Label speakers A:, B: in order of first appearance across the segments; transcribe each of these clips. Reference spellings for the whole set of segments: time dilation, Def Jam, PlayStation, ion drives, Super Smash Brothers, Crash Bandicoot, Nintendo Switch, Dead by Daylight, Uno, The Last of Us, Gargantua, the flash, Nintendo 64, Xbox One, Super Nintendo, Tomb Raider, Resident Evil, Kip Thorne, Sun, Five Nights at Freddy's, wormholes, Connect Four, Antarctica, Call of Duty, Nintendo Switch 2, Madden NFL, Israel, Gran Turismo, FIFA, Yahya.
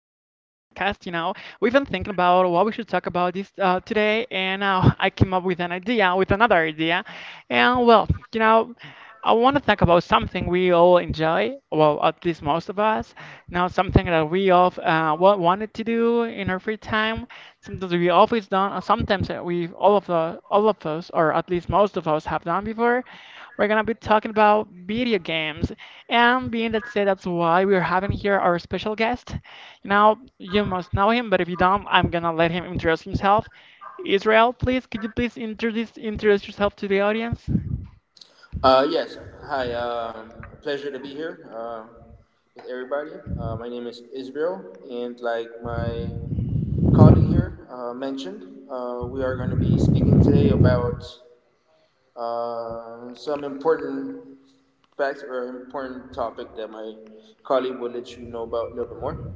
A: podcast. You know, we've been thinking about what we should talk about this today, and I came up with an idea, with another idea, and I want to talk about something we all enjoy, well, at least most of us. Now, something that we all wanted to do in our free time, something that we always done, or sometimes that we all of us, or at least most of us, have done before. We're gonna be talking about video games, and being that said, that's why we're having here our special guest. Now, you must know him, but if you don't, I'm gonna let him introduce himself. Israel, please, could you please introduce yourself to the audience?
B: Yes. Hi. Pleasure to be here with everybody. My name is Israel, and like my colleague here mentioned, we are going to be speaking today about some important facts or important topic that my colleague will let you know about a little bit more.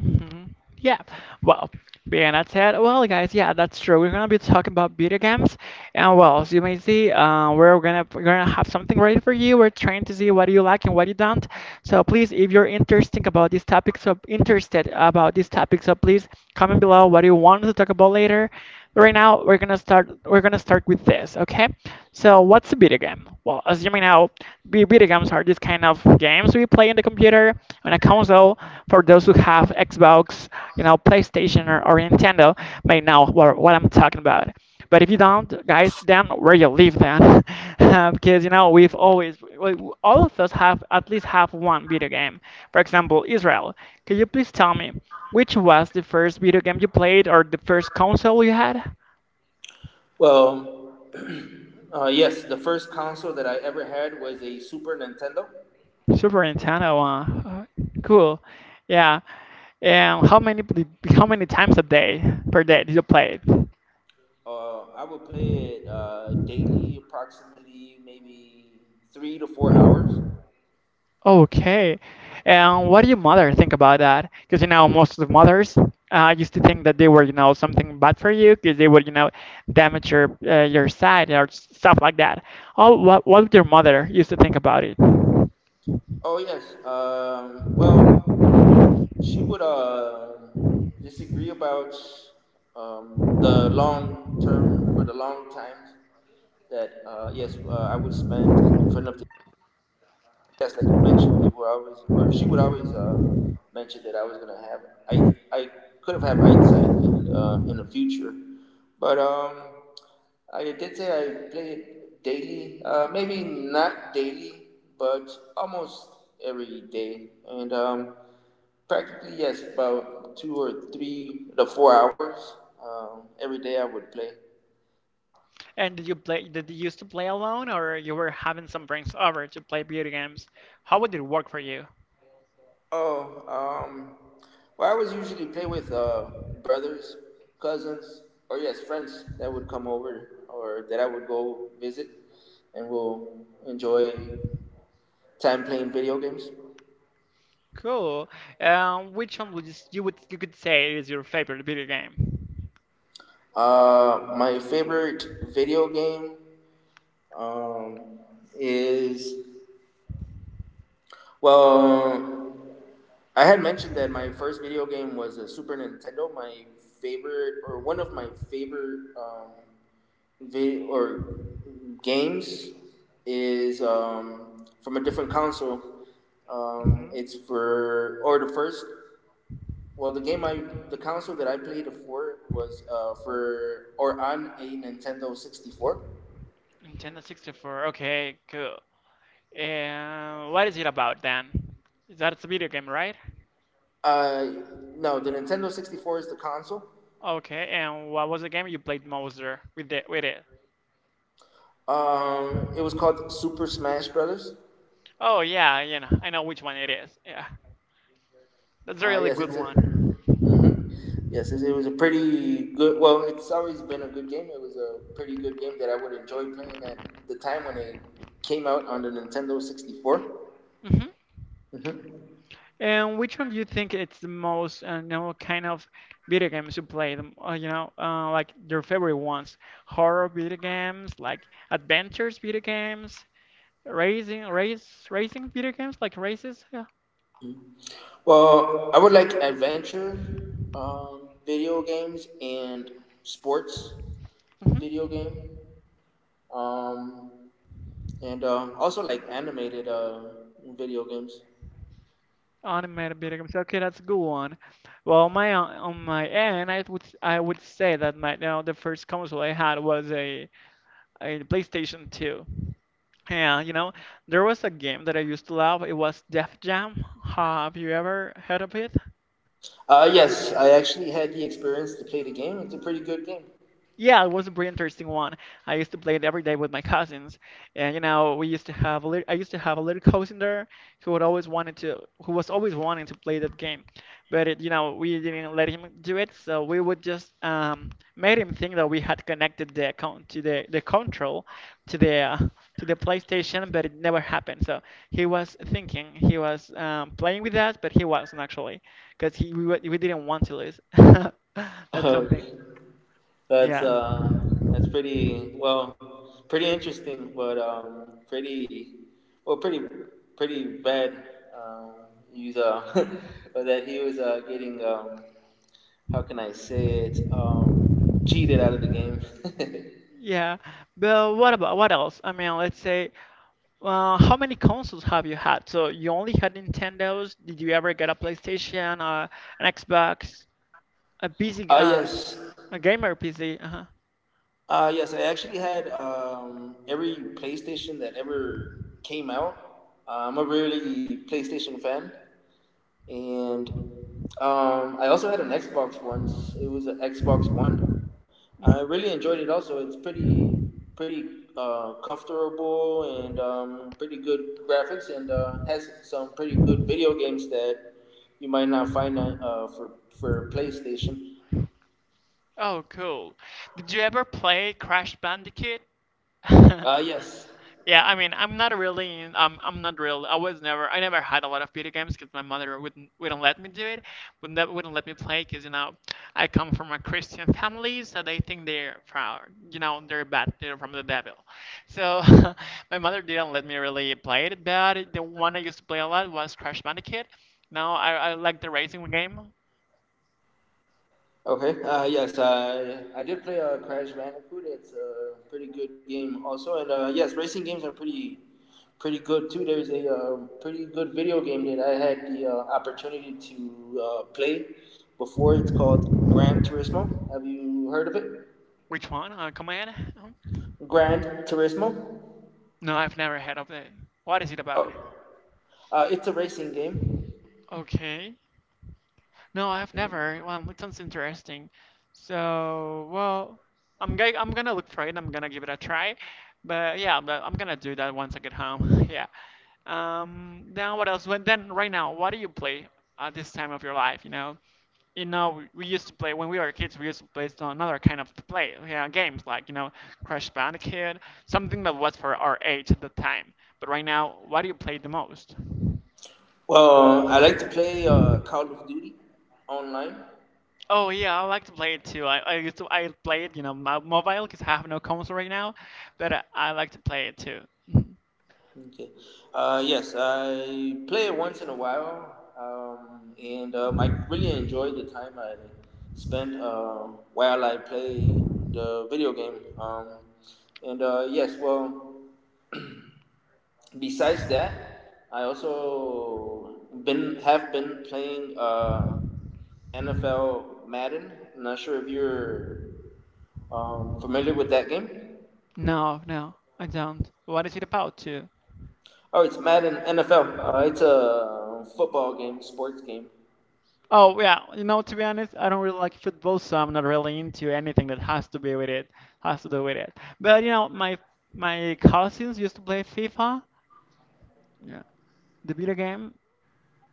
A: Mhm. Yeah. Well, being that said, well, guys, yeah, that's true. We're gonna be talking about video games, and well, as you may see, we're gonna have something ready for you. We're trying to see what you like and what you don't. So please, if you're interested about these topics, so please comment below what you want to talk about later. Right now, we're gonna start with this, okay? So what's a video game? Well, as you may know. Video games are these kind of games we play in the computer on a console. For those who have Xbox, you know, PlayStation or Nintendo, may know what I'm talking about. But if you don't, guys, then where you live then, because you know all of us have at least have one video game. For example, Israel. Could you please tell me which was the first video game you played or the first console you had?
B: Well, yes, the first console that I ever had was a Super Nintendo.
A: Super Nintendo. Cool. Yeah. And how many times a day per day do you play it?
B: I would play it daily, approximately maybe 3 to 4 hours.
A: Okay. And what do your mother think about that? Because you know most of the mothers used to think that they were, you know, something bad for you because they would, you know, damage your side or stuff like that. Oh, what your mother used to think about it?
B: Oh, yes. Well, she would disagree about the long term or the long times that yes, I would spend in front of. Yes, like you mentioned, they were always, or she would always mention that I was gonna have, I, I could have had eyesight, and in the future, but I did say I play daily, maybe not daily, but almost every day, and practically yes, about two or three, the 4 hours every day I would play.
A: And did you play? Did you used to play alone, or you were having some friends over to play video games? How would it work for you?
B: Oh, well, I was usually play with brothers, cousins, or yes, friends that would come over or that I would go visit, and we'll enjoy time playing video games.
A: Cool. Which one you would you could say is your favorite video game?
B: My favorite video game um, is, well, I had mentioned that my first video game was a Super Nintendo. My favorite, or one of my favorite vi- or games is from a different console.
A: hmm
B: It's for, or the first. Well, the console that I played it for was for or on a Nintendo 64.
A: Nintendo 64. Okay, cool. And what is it about then? That's a video game, right?
B: Uh, no, the Nintendo 64 is the console.
A: Okay, and what was the game you played most there with the with it?
B: It was called Super Smash Brothers.
A: Oh yeah, you know, I know which one it is. Yeah, that's a really
B: Yes,
A: good
B: it's a.
A: one.
B: hmm Yes, it was a pretty good. Well, it's always been a good game. It was a pretty good game that I would enjoy playing at the time when it came out on the Nintendo 64.
A: hmm
B: hmm
A: And which one do you think it's the most, you know, kind of video games you play? You know, like your favorite ones? Horror video games, like adventures video games, racing video games, like races. Yeah.
B: Well, I would like adventure video games and sports
A: Mm-hmm.
B: video game, um, and also like animated video games.
A: Animated video games. Okay, that's a good one. Well, on my end, I would say that my, you know, the first console I had was a PlayStation 2. And you know, there was a game that I used to love. It was Def Jam. Have you ever heard of it?
B: Yes, I actually had the experience to play the game. It's a pretty good game.
A: Yeah, it was a pretty interesting one. I used to play it every day with my cousins, and you know, we used to have a little cousin there who would always wanted to, who was always wanting to play that game, but you know, we didn't let him do it, so we would just made him think that we had connected the account to the control to the uh, to the PlayStation, but it never happened. So he was thinking he was playing with us, but he wasn't actually, because we didn't want to lose. That's something.
B: That's
A: Yeah.
B: uh, that's pretty, well, pretty interesting, but pretty, well, pretty bad. Um, he's that he was getting, how can I say it? Cheated out of the game.
A: Yeah, but what about what else? I mean, let's say, how many consoles have you had? So you only had Nintendos. Did you ever get a PlayStation, an Xbox, a PC,
B: Ah, yes,
A: a gamer PC? Uh-huh.
B: yes. I actually had every PlayStation that ever came out. I'm a really PlayStation fan. And I also had an Xbox once. It was an Xbox One.
A: hmm
B: I really enjoyed it. Also, it's pretty comfortable and pretty good graphics, and has some pretty good video games that you might not find for PlayStation.
A: Oh, cool. Did you ever play Crash Bandicoot?
B: Yes.
A: Yeah, I mean, I'm not real. I never had a lot of video games because my mother wouldn't let me do it, wouldn't let me play because you know, I come from a Christian family, so they think they're proud. You know, they're bad, they're from the devil. So my mother didn't let me really play it, but the one I used to play a lot was Crash Bandicoot. Now I like the racing game.
B: Okay. Yes, I did play Crash Bandicoot. It's a pretty good game, also, and yes, racing games are pretty good too. There's a pretty good video game that I had the opportunity to play before. It's called Gran Turismo. Have you heard of it?
A: Which one? Command?
B: Grand Turismo.
A: No, I've never heard of it. What is it about?
B: Oh, it's a racing game.
A: Okay. No, I've never. Well, it sounds interesting. So, well, I'm gonna look for it. I'm gonna give it a try. But yeah, I'm gonna do that once I get home. Yeah. Then what else? When then right now, what do you play at this time of your life? You know, we used to play when we were kids. We used to play some another kind of play, yeah, games like, you know, Crash Bandicoot, something that was for our age at the time. But right now, what do you play the most?
B: Well, I like to play Call of Duty online.
A: Oh yeah, I like to play it too. I used to I play it, you know, mobile because I have no console right now, but I like to play it too. Mhm.
B: Okay. Yes, I play it once in a while, and I really enjoy the time I spent while I play the video game. And yes, well, besides that, I also been have been playing NFL Madden. I'm not sure if you're familiar with that game.
A: No, no, I don't. What is it about too?
B: Oh, it's Madden NFL. It's a football game, sports game.
A: Oh yeah, you know, to be honest, I don't really like football, so I'm not really into anything that has to be with it, has to do with it. But you know, my cousins used to play FIFA, yeah, the video game,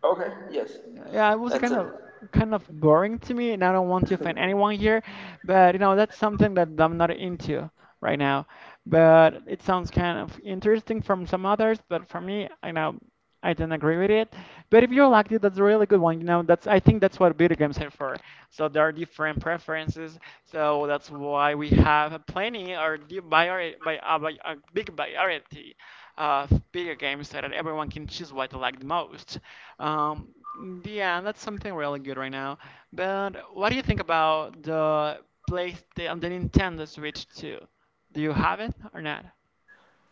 B: Okay, yes.
A: yeah, it was
B: That's a
A: kind of boring to me, and I don't want to offend anyone here, but you know that's something that I'm not into right now. But it sounds kind of interesting from some others, but for me, you know, I don't agree with it. But if you liked it, that's a really good one. You know, that's I think that's what video games are for. So there are different preferences. So that's why we have plenty or di- vari- by a big variety of video games so that everyone can choose what they like the most. Yeah, that's something really good right now. But what do you think about the Nintendo Switch 2? Do you have it or not?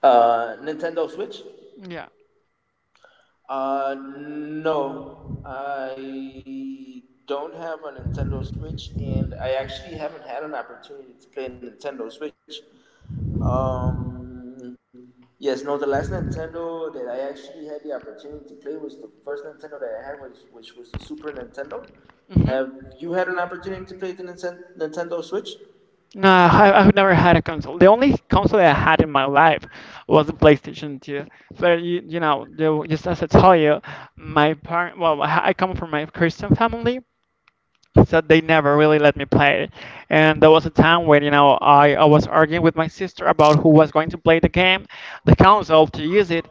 B: Nintendo Switch.
A: Yeah.
B: No, I don't have a Nintendo Switch, and I actually haven't had an opportunity to play Nintendo Switch. Um, yes, no, the last Nintendo that I actually had the opportunity to play was the first Nintendo that I had, was, which was the Super Nintendo. Have
A: Mm-hmm.
B: you had an opportunity to play the Nintendo Switch?
A: No, I've never had a console. The only console I had in my life was the PlayStation 2. But you know, just as I tell you, I come from my Christian family, so they never really let me play it. And there was a time when you know I was arguing with my sister about who was going to play the game, the console to use it,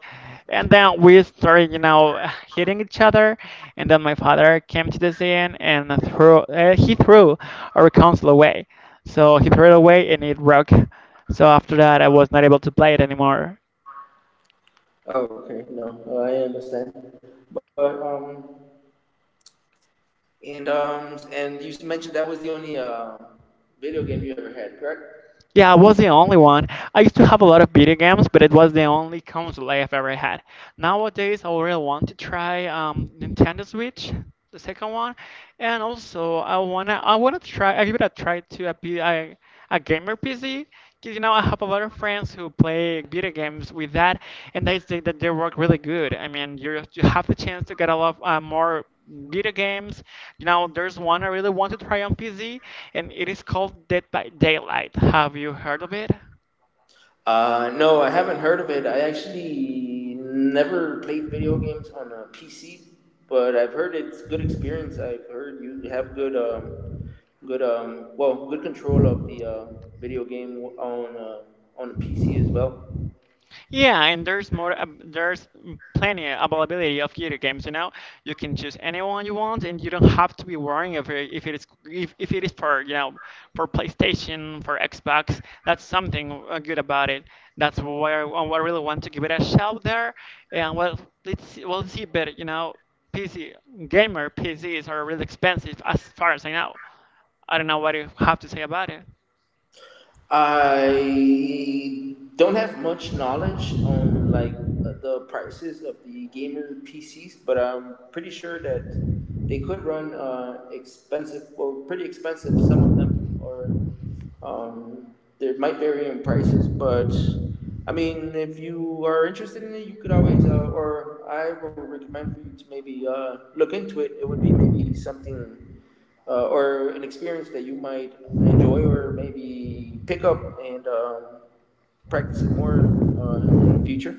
A: and then we started, you know, hitting each other. And then my father came to the scene and threw he threw our console away. So he threw it away and it broke. So after that, I was not able to play it anymore.
B: Oh, okay. No, I understand. But and you mentioned that was the only video game you ever had, correct?
A: Yeah, I was the only one. I used to have a lot of video games, but it was the only console I've ever had. Nowadays, I really want to try Nintendo Switch, the second one, and also I wanna try I give it a try to a gamer PC, because you know I have a lot of friends who play video games with that, and they say that they work really good. I mean, you have the chance to get a lot more video games. Now there's one I really want to try on PC, and it is called Dead by Daylight. Have you heard of it?
B: No, I haven't heard of it. I actually never played video games on a PC, but I've heard it's good experience. I've heard you have good good well, good control of the video game on a PC as well.
A: Yeah, and there's more. Ab There's plenty availability of video games. You know, you can choose anyone you want, and you don't have to be worrying if it is if it is for, you know, for PlayStation for Xbox. That's something good about it. That's where I really want to give it a shout there. And well, let's see, we'll see. But you know, PC gamer PCs are really expensive as far as I know. I don't know what you have to say about it.
B: I don't have much knowledge on, like, the prices of the gamer PCs, but I'm pretty sure that they could run expensive or pretty expensive. Some of them, or um, they might vary in prices, but I mean, if you are interested in it, you could always, or I would recommend for you to maybe look into it. It would be maybe something, or an experience that you might enjoy or maybe pick up and practice it more in the future.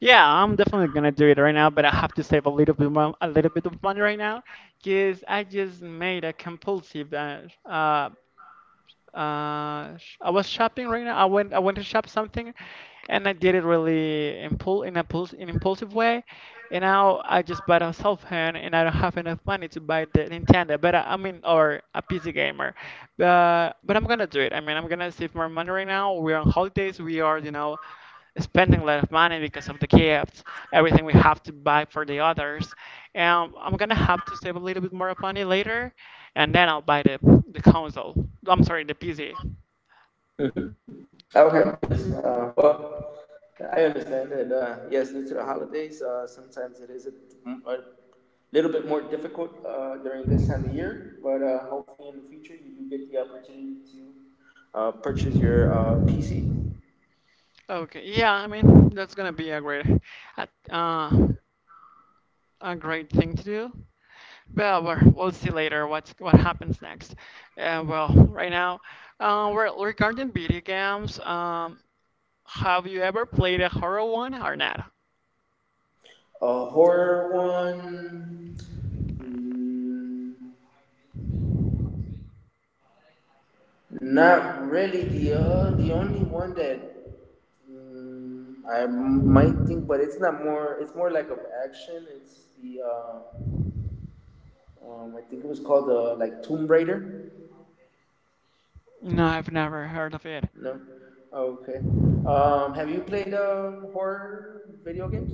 A: Yeah, I'm definitely gonna do it right now, but I have to save a little bit more, a little bit of money right now, because I just made a compulsive. Uh, I was shopping right now. I went to shop something, and I did it really impul in a puls in impulsive way, and now I just bought a cell phone, and I don't have enough money to buy the Nintendo, but I mean, or a PC gamer, but I'm gonna do it. I mean, I'm gonna save more money right now. We're on holidays. We are, spending a lot of money because of the gifts, everything we have to buy for the others. And I'm gonna have to save a little bit more of money later, and then I'll buy the console. I'm sorry, the PC.
B: Mm-hmm. Okay. Yes. Well, I understand that. Yes, due to the holidays, sometimes it is a little bit more difficult during this time of year. But hopefully, in the future, you do get the opportunity to purchase your PC.
A: Okay, yeah, I mean that's gonna be a- uh, a great thing to do. Well, we'll see later what's what happens next. Well, right now, regarding video games, have you ever played a horror one or not?
B: A horror one. mm, Not really. The only one that I might think, but it's not more. It's more like of action. It's the I think it was called like Tomb Raider.
A: No, I've never heard of it.
B: No, oh, okay. Have you played horror video games?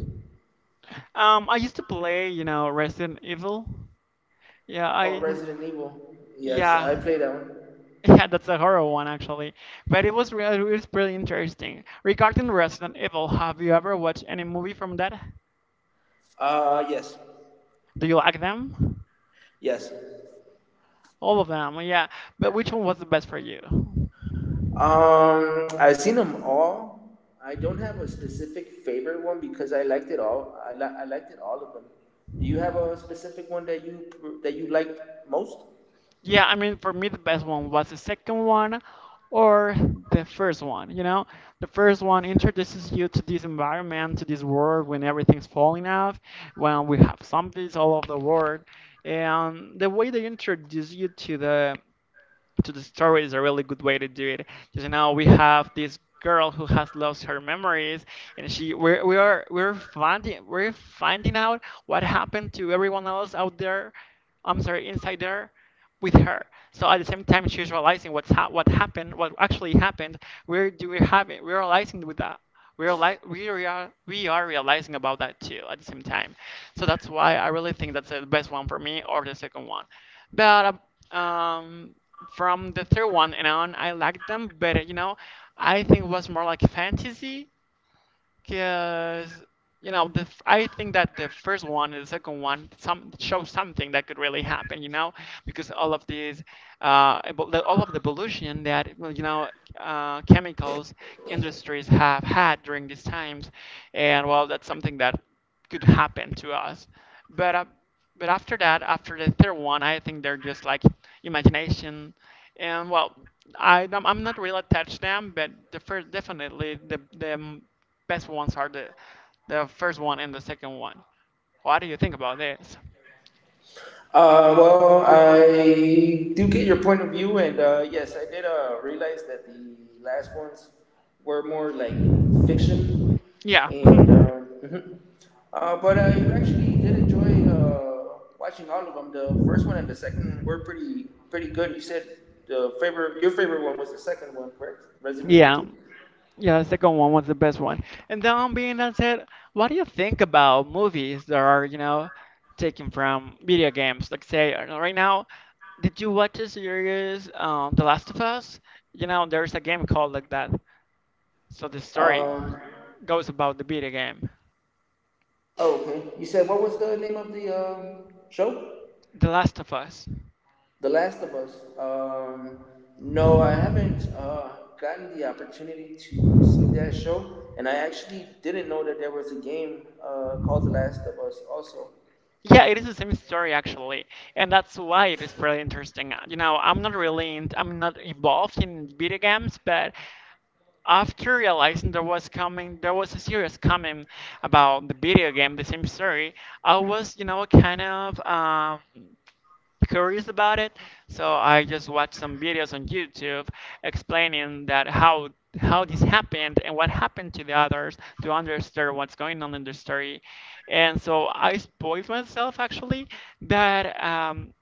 A: I used to play, you know, Resident Evil. Yeah,
B: Oh,
A: I,
B: Resident Evil. Yes, I
A: yeah,
B: played that one.
A: yeah, that's a horror one actually. But it was pretty interesting. Regarding Resident Evil, have you ever watched any movie from that?
B: Yes,
A: Do you like them?
B: yes.
A: All of them, yeah. But which one was the best for you?
B: I've seen them all. I don't have a specific favorite one because I liked it all. I liked it all of them. Do you have a specific one that you liked most?
A: Yeah, I mean, for me, the best one was the second one or the first one. You know, the first one introduces you to this environment, to this world when everything's falling off, when we have zombies all over the world. And the way they introduce you to the story is a really good way to do it. Because now we have this girl who has lost her memories, and she we're we are we're finding out what happened to everyone else out there. I'm sorry, inside there, with her. So at the same time, she's realizing what happened, what actually happened. Where do we have it? We're realizing with that. We are realizing about that too at the same time. So that's why I really think that's the best one for me or the second one. But uh, um, from the third one and on, I liked them, but you know, I think it was more like fantasy because you know, I think that the first one and the second one some show something that could really happen. You know, because all of these, all of the evolution that well, you know, chemicals industries have had during these times, and well, that's something that could happen to us. But uh, but after that, after the third one, I think they're just like imagination, and well, I'm not really attached to them, but the first definitely the best ones are the first one and the second one. What do you think about this?
B: Well, I do get your point of view, and yes, I did realize that the last ones were more like fiction,
A: Yeah.
B: and mhm. But I actually did enjoy watching all of them. The first one and the second one were pretty good. You said the favorite, your favorite one was the second one, correct? Resident Evil
A: Yeah.
B: Two.
A: Yeah, the second one was the best one. And then being that said, what do you think about movies that are, you know, taken from video games? Like say right now, did you watch the series The Last of Us? You know, there's a game called like that. So the story
B: Um,
A: goes about the video game.
B: oh, okay. You said, what was the name of the um, show?
A: The Last of Us.
B: The Last of Us. Um, no, I haven't gotten the opportunity to see that show, and I actually didn't know that there was a game called The Last of Us. Also,
A: Yeah, it is the same story actually, and that's why it is pretty interesting. You know, I'm not involved in video games, but after realizing there was coming, there was a series coming about the video game, the same story. I was, you know, kind of. Curious about it, so I just watched some videos on YouTube explaining that how this happened and what happened to the others to understand what's going on in the story. And so I spoiled myself actually that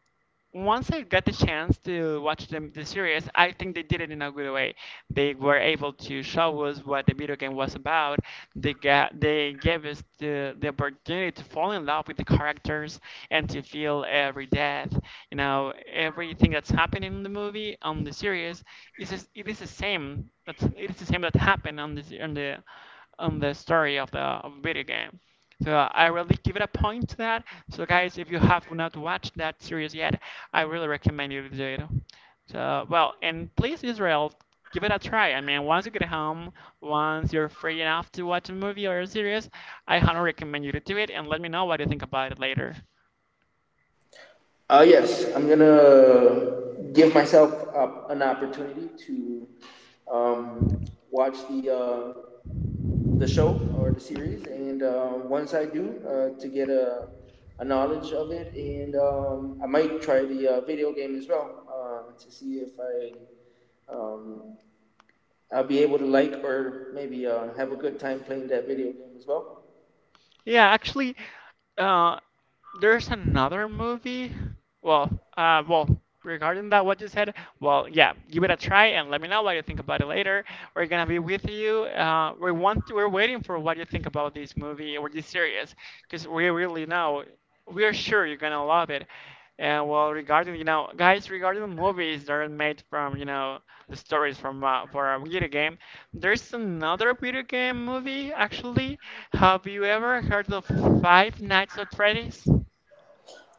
A: once I got the chance to watch the series, I think they did it in a good way. They were able to show us what the video game was about. They gave us the opportunity to fall in love with the characters and to feel every death. You know, everything that's happening in the movie on the series is just- it is the same. That's it is the same that happened on the se- on the story of the of video game. So I really give it a point to that. So guys, if you have not watched that series yet, I really recommend you to do it. So well, and please Israel, give it a try. I mean, once you get home, once you're free enough to watch a movie or a series, I highly recommend you to do it and let me know what you think about it later.
B: yes, I'm gonna give myself up an opportunity to um, watch uh, the show or the series, and once I do, to get a knowledge of it, and I might try the video game as well to see if I'll be able to like, or maybe have a good time playing that video game as well.
A: Yeah, actually, uh, there's another movie. Well, well, regarding that, what you said, well, yeah, give it a try and let me know what you think about it later. We're gonna be with you. We're waiting for what you think about this movie or this series, because we really know, we're sure you're gonna love it. And well, regarding you know, guys, regarding the movies that are made from you know the stories from for a video game, there's another video game movie, actually. Have you ever heard of Five Nights at Freddy's? And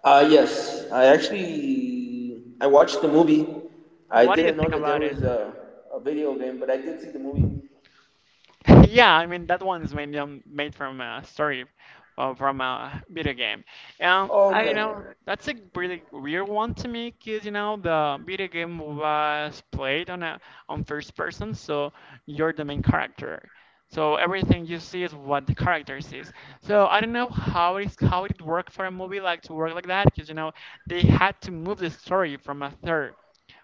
B: Yes, I actually I watched the movie. I
A: what do you
B: didn't know
A: think
B: that there
A: about it?
B: was a video game, but I did see the movie.
A: Yeah, I mean that one's made made from a story, from a video game.
B: Oh,
A: I you know
B: okay.
A: that's a really weird one to me because you know the video game was played on a on first person, so you're the main character. So everything you see is what the character sees. So I don't know how it worked for a movie like to work like that, because you know they had to move the story from a third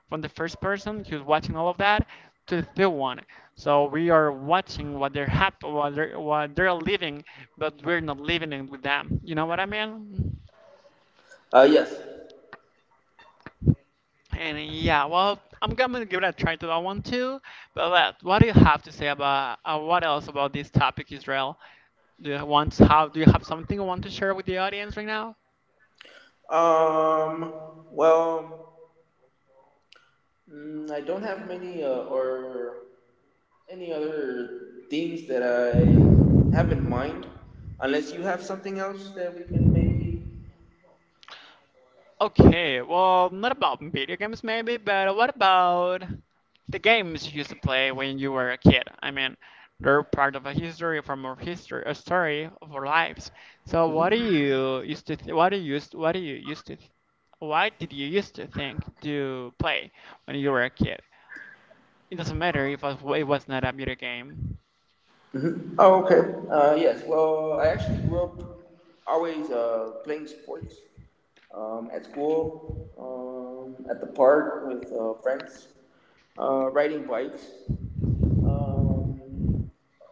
A: from the first person who's watching all of that to the third one. So we are watching what they're happy, what they're living, but we're not living it with them. You know what I mean?
B: Yes.
A: And yeah, well, I'm gonna give it a try to that one too. But let- what do you have to say about what else about this topic, Israel? Do you want how do you have something you want to share with the audience right now?
B: Um. Well, I don't have many, or any other things that I have in mind, unless you have something else that we can maybe.
A: Okay, well, not about video games maybe, but what about the games you used to play when you were a kid? I mean, they're part of a history from our history, a story of our lives. So what do you used to, th- what do you used, what do you used to, what did you used to think to play when you were a kid? It doesn't matter if it was not a video game.
B: Oh, okay. Yes. Well, I actually grew up always playing sports, at school, at the park with friends, riding bikes. Um,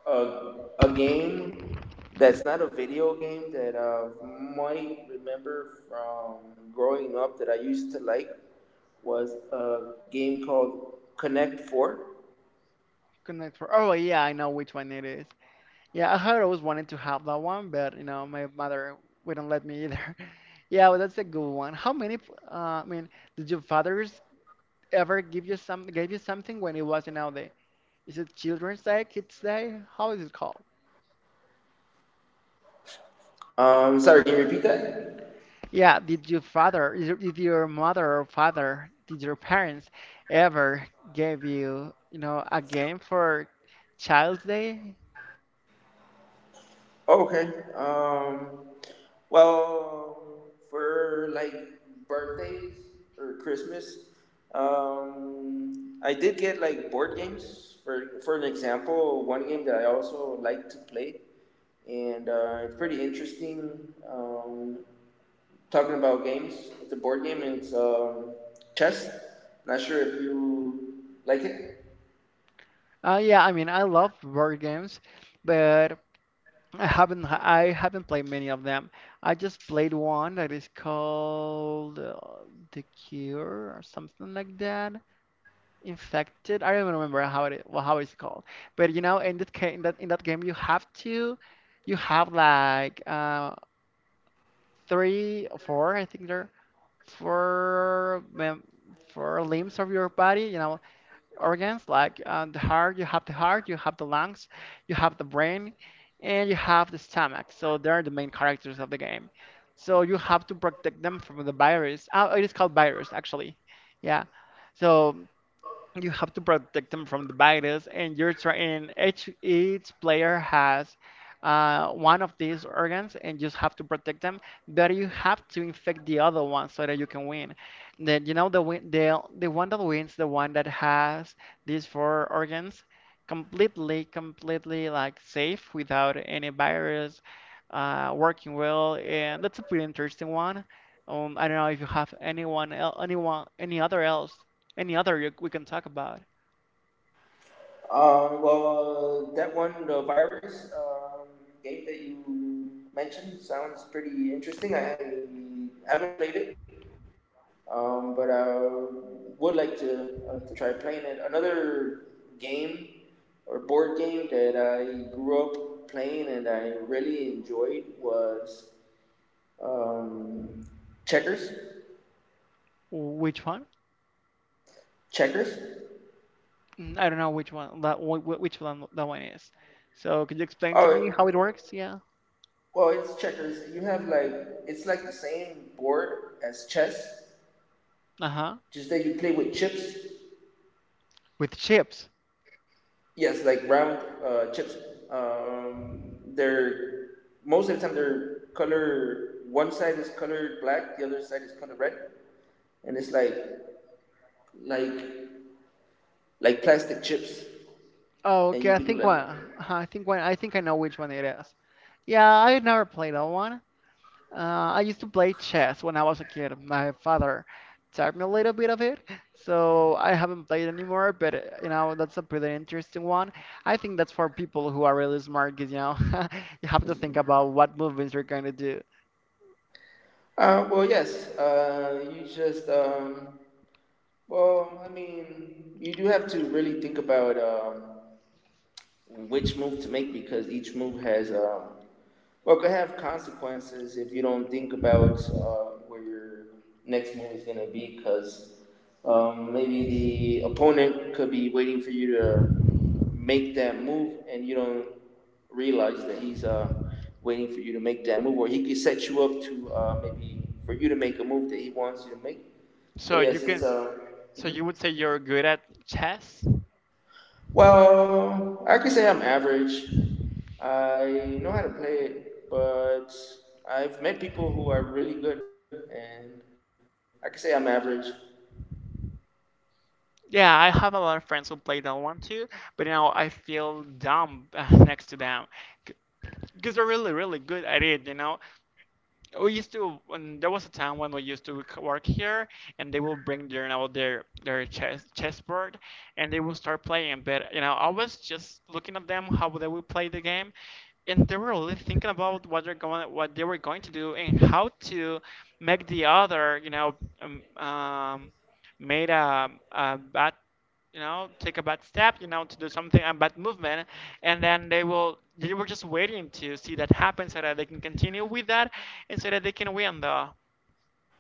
B: a game that's not a video game that I might remember from growing up that I used to like was a game called Connect Four.
A: Connect for. Oh yeah, I know which one it is. Yeah, I had always wanted to have that one, but you know, my mother wouldn't let me either. Yeah, well, that's a good one. I mean, did your fathers ever give you some? Gave you something when it was, you know, the is it Children's Day, Kids Day? How is it called?
B: Sorry, can you repeat that?
A: Yeah, did your mother or father, did your parents ever give you, you know, a game for Child's Day?
B: Oh, okay. Well, for, like, birthdays or Christmas, I did get, like, board games. For an example, one game that I also like to play, and it's pretty interesting. Talking about games, it's a board game, and it's chess. Not sure if you like it.
A: Yeah, I mean, I love board games, but I haven't played many of them. I just played one that is called The Cure or something like that. Infected. I don't even remember how it well, how it's called. But you know, in that ca- in that game, you have to you have like three or four, I think there, four mem- four limbs of your body. You know, organs like the heart. You have the heart, you have the lungs, you have the brain, and you have the stomach. So they are the main characters of the game. So you have to protect them from the virus. It is called virus actually. Yeah. So you have to protect them from the virus and you're trying each player has one of these organs and you just have to protect them but you have to infect the other one so that you can win then you know the one that wins the one that has these four organs completely like safe without any virus working well and that's a pretty interesting one I don't know if you have anyone any other else any other we can talk about?
B: Well, that one, the virus game that you mentioned, sounds pretty interesting. I haven't played it, but I would like to, to try playing it. Another game or board game that I grew up playing and I really enjoyed was um, checkers.
A: Which one?
B: Checkers.
A: Mm, I don't know which one that one is. So could you explain to me how it
B: Oh,
A: works? Yeah.
B: well, it's checkers. You have, like, it's like the same board as chess.
A: Uh huh.
B: Just that you play with chips.
A: With chips.
B: Yes, like round chips. They're, most of the time they're color. One side is colored black, the other side is colored red, and it's like, like like plastic chips,
A: Oh,
B: and
A: okay.
B: you
A: I
B: could do
A: think
B: that.
A: one. Uh-huh, I think one. I think I know which one it is. Yeah, I never played that one. I used to play chess when I was a kid. My father taught me a little bit of it, so I haven't played anymore. But that's a pretty interesting one. I think that's for people who are really smart, 'cause, you know, you have to think about what movements you're going to do.
B: Well, yes. You just, well, I mean, you do have to really think about which move to make, because each move has, well, could have consequences if you don't think about where your next move is gonna be, because maybe the opponent could be waiting for you to make that move and you don't realize that he's, waiting for you to make that move, or he could set you up to, maybe for you to make a move that he wants you to make. So
A: So you
B: yes,
A: can,
B: it's
A: s- so
B: mhm.
A: you would say you're good at chess?
B: Well, I can say I'm average. I know how to play it, but I've met people who are really good, and I can say I'm average.
A: Yeah, I have a lot of friends who play that one too, but now I feel dumb next to them because they're really, really good at it. We used to When there was a time when we used to work here, and they will bring their now their chess chessboard, and they will start playing. But you know I was just looking at them how they will play the game, and they were really thinking about what they were going to do, and how to make the other um, um made a bad, take a bad step, to do something, a bad movement. And then they were just waiting to see that happen so that they can continue with that, and so that they can win the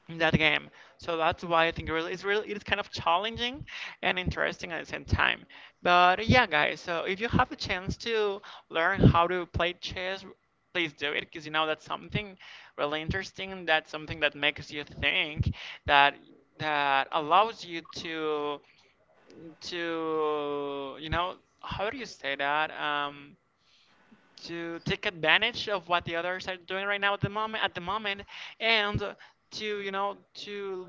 A: in that game. So that's why I think really it's kind of challenging and interesting at the same time. But yeah guys, so if you have a chance to learn how to play chess, please do it, because you know, that's something really interesting, that's something that makes you think, that that allows you to to you know how do you say that, to take advantage of what the others are doing right now, at the moment, and to you know to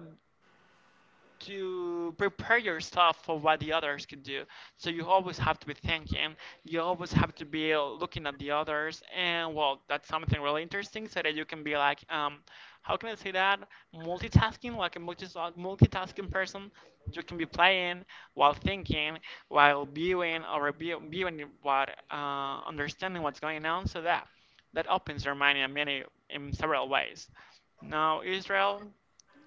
A: to prepare yourself for what the others could do. So you always have to be thinking, you always have to be looking at the others, and well, that's something really interesting, so that you can be like, how can I say that, multitasking, like a multitasking person. You can be playing while thinking, while viewing what, understanding what's going on. So that that opens your mind in many, in several ways. Now, Israel,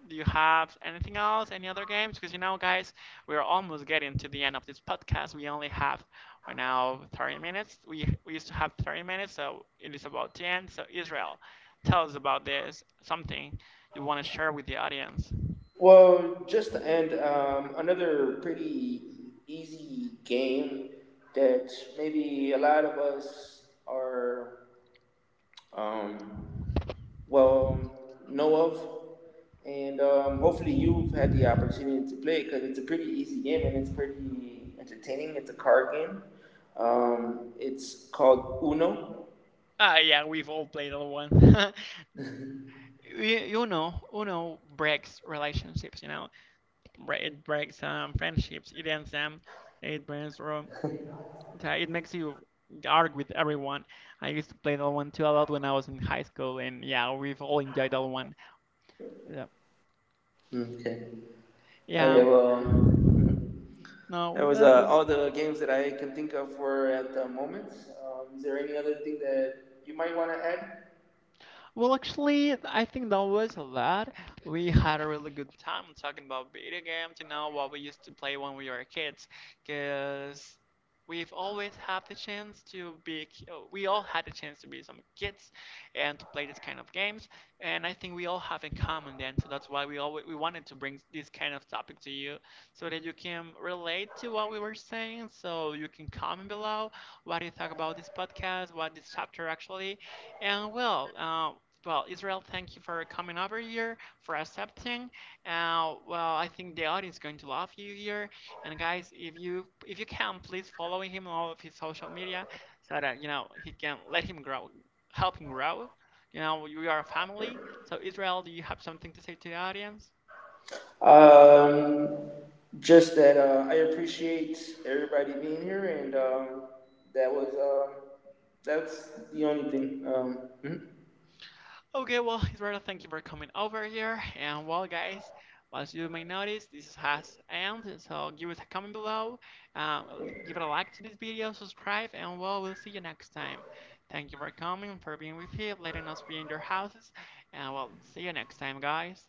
A: do you have anything else? Any other games? Because you know, guys, we're almost getting to the end of this podcast. We only have right now 30 minutes. We used to have 30 minutes, so it is about the end. So Israel, tell us about this. Something you want to share with the audience.
B: Well, just to end, another pretty easy game that maybe a lot of us are, um, well um, know of. And hopefully you've had the opportunity to play it because it's a pretty easy game and it's pretty entertaining. It's a card game. It's called Uno.
A: Ah, yeah, we've all played that one. You know, Uno breaks relationships. You know, it breaks friendships. It ends them. It breaks. rom- It makes you argue with everyone. I used to play that one too a lot when I was in high school, and yeah, we've all enjoyed that one. Yeah,
B: Okay. I
A: yeah.
B: have mhm.
A: No,
B: That was
A: well,
B: all the games that I can think of for at the moment. Is there any other thing that you might want to add?
A: Well, actually, I think that was a lot. We had a really good time talking about video games, you know, what we used to play when we were kids. Because we've always had the chance to we all had the chance to be some kids and to play this kind of games. And I think we all have in common then. So that's why we wanted to bring this kind of topic to you so that you can relate to what we were saying. So you can comment below what do you think about this podcast, what this chapter actually. And well, uh, well, Israel, thank you for coming over here, for accepting. Well, I think the audience is going to love you here. And guys, if you can, please follow him on all of his social media, so that you know, he can let him grow, help him grow. You know, we are a family. So Israel, do you have something to say to the audience?
B: Um, just that I appreciate everybody being here, and that was uh, that's the only thing. Mhm.
A: Okay, well, Israel, thank you for coming over here. And well, guys, as you may notice, this has ended. So give us a comment below, uh, give it a like to this video, subscribe, and well, we'll see you next time. Thank you for coming, for being with you, letting us be in your houses, and well, see you next time, guys.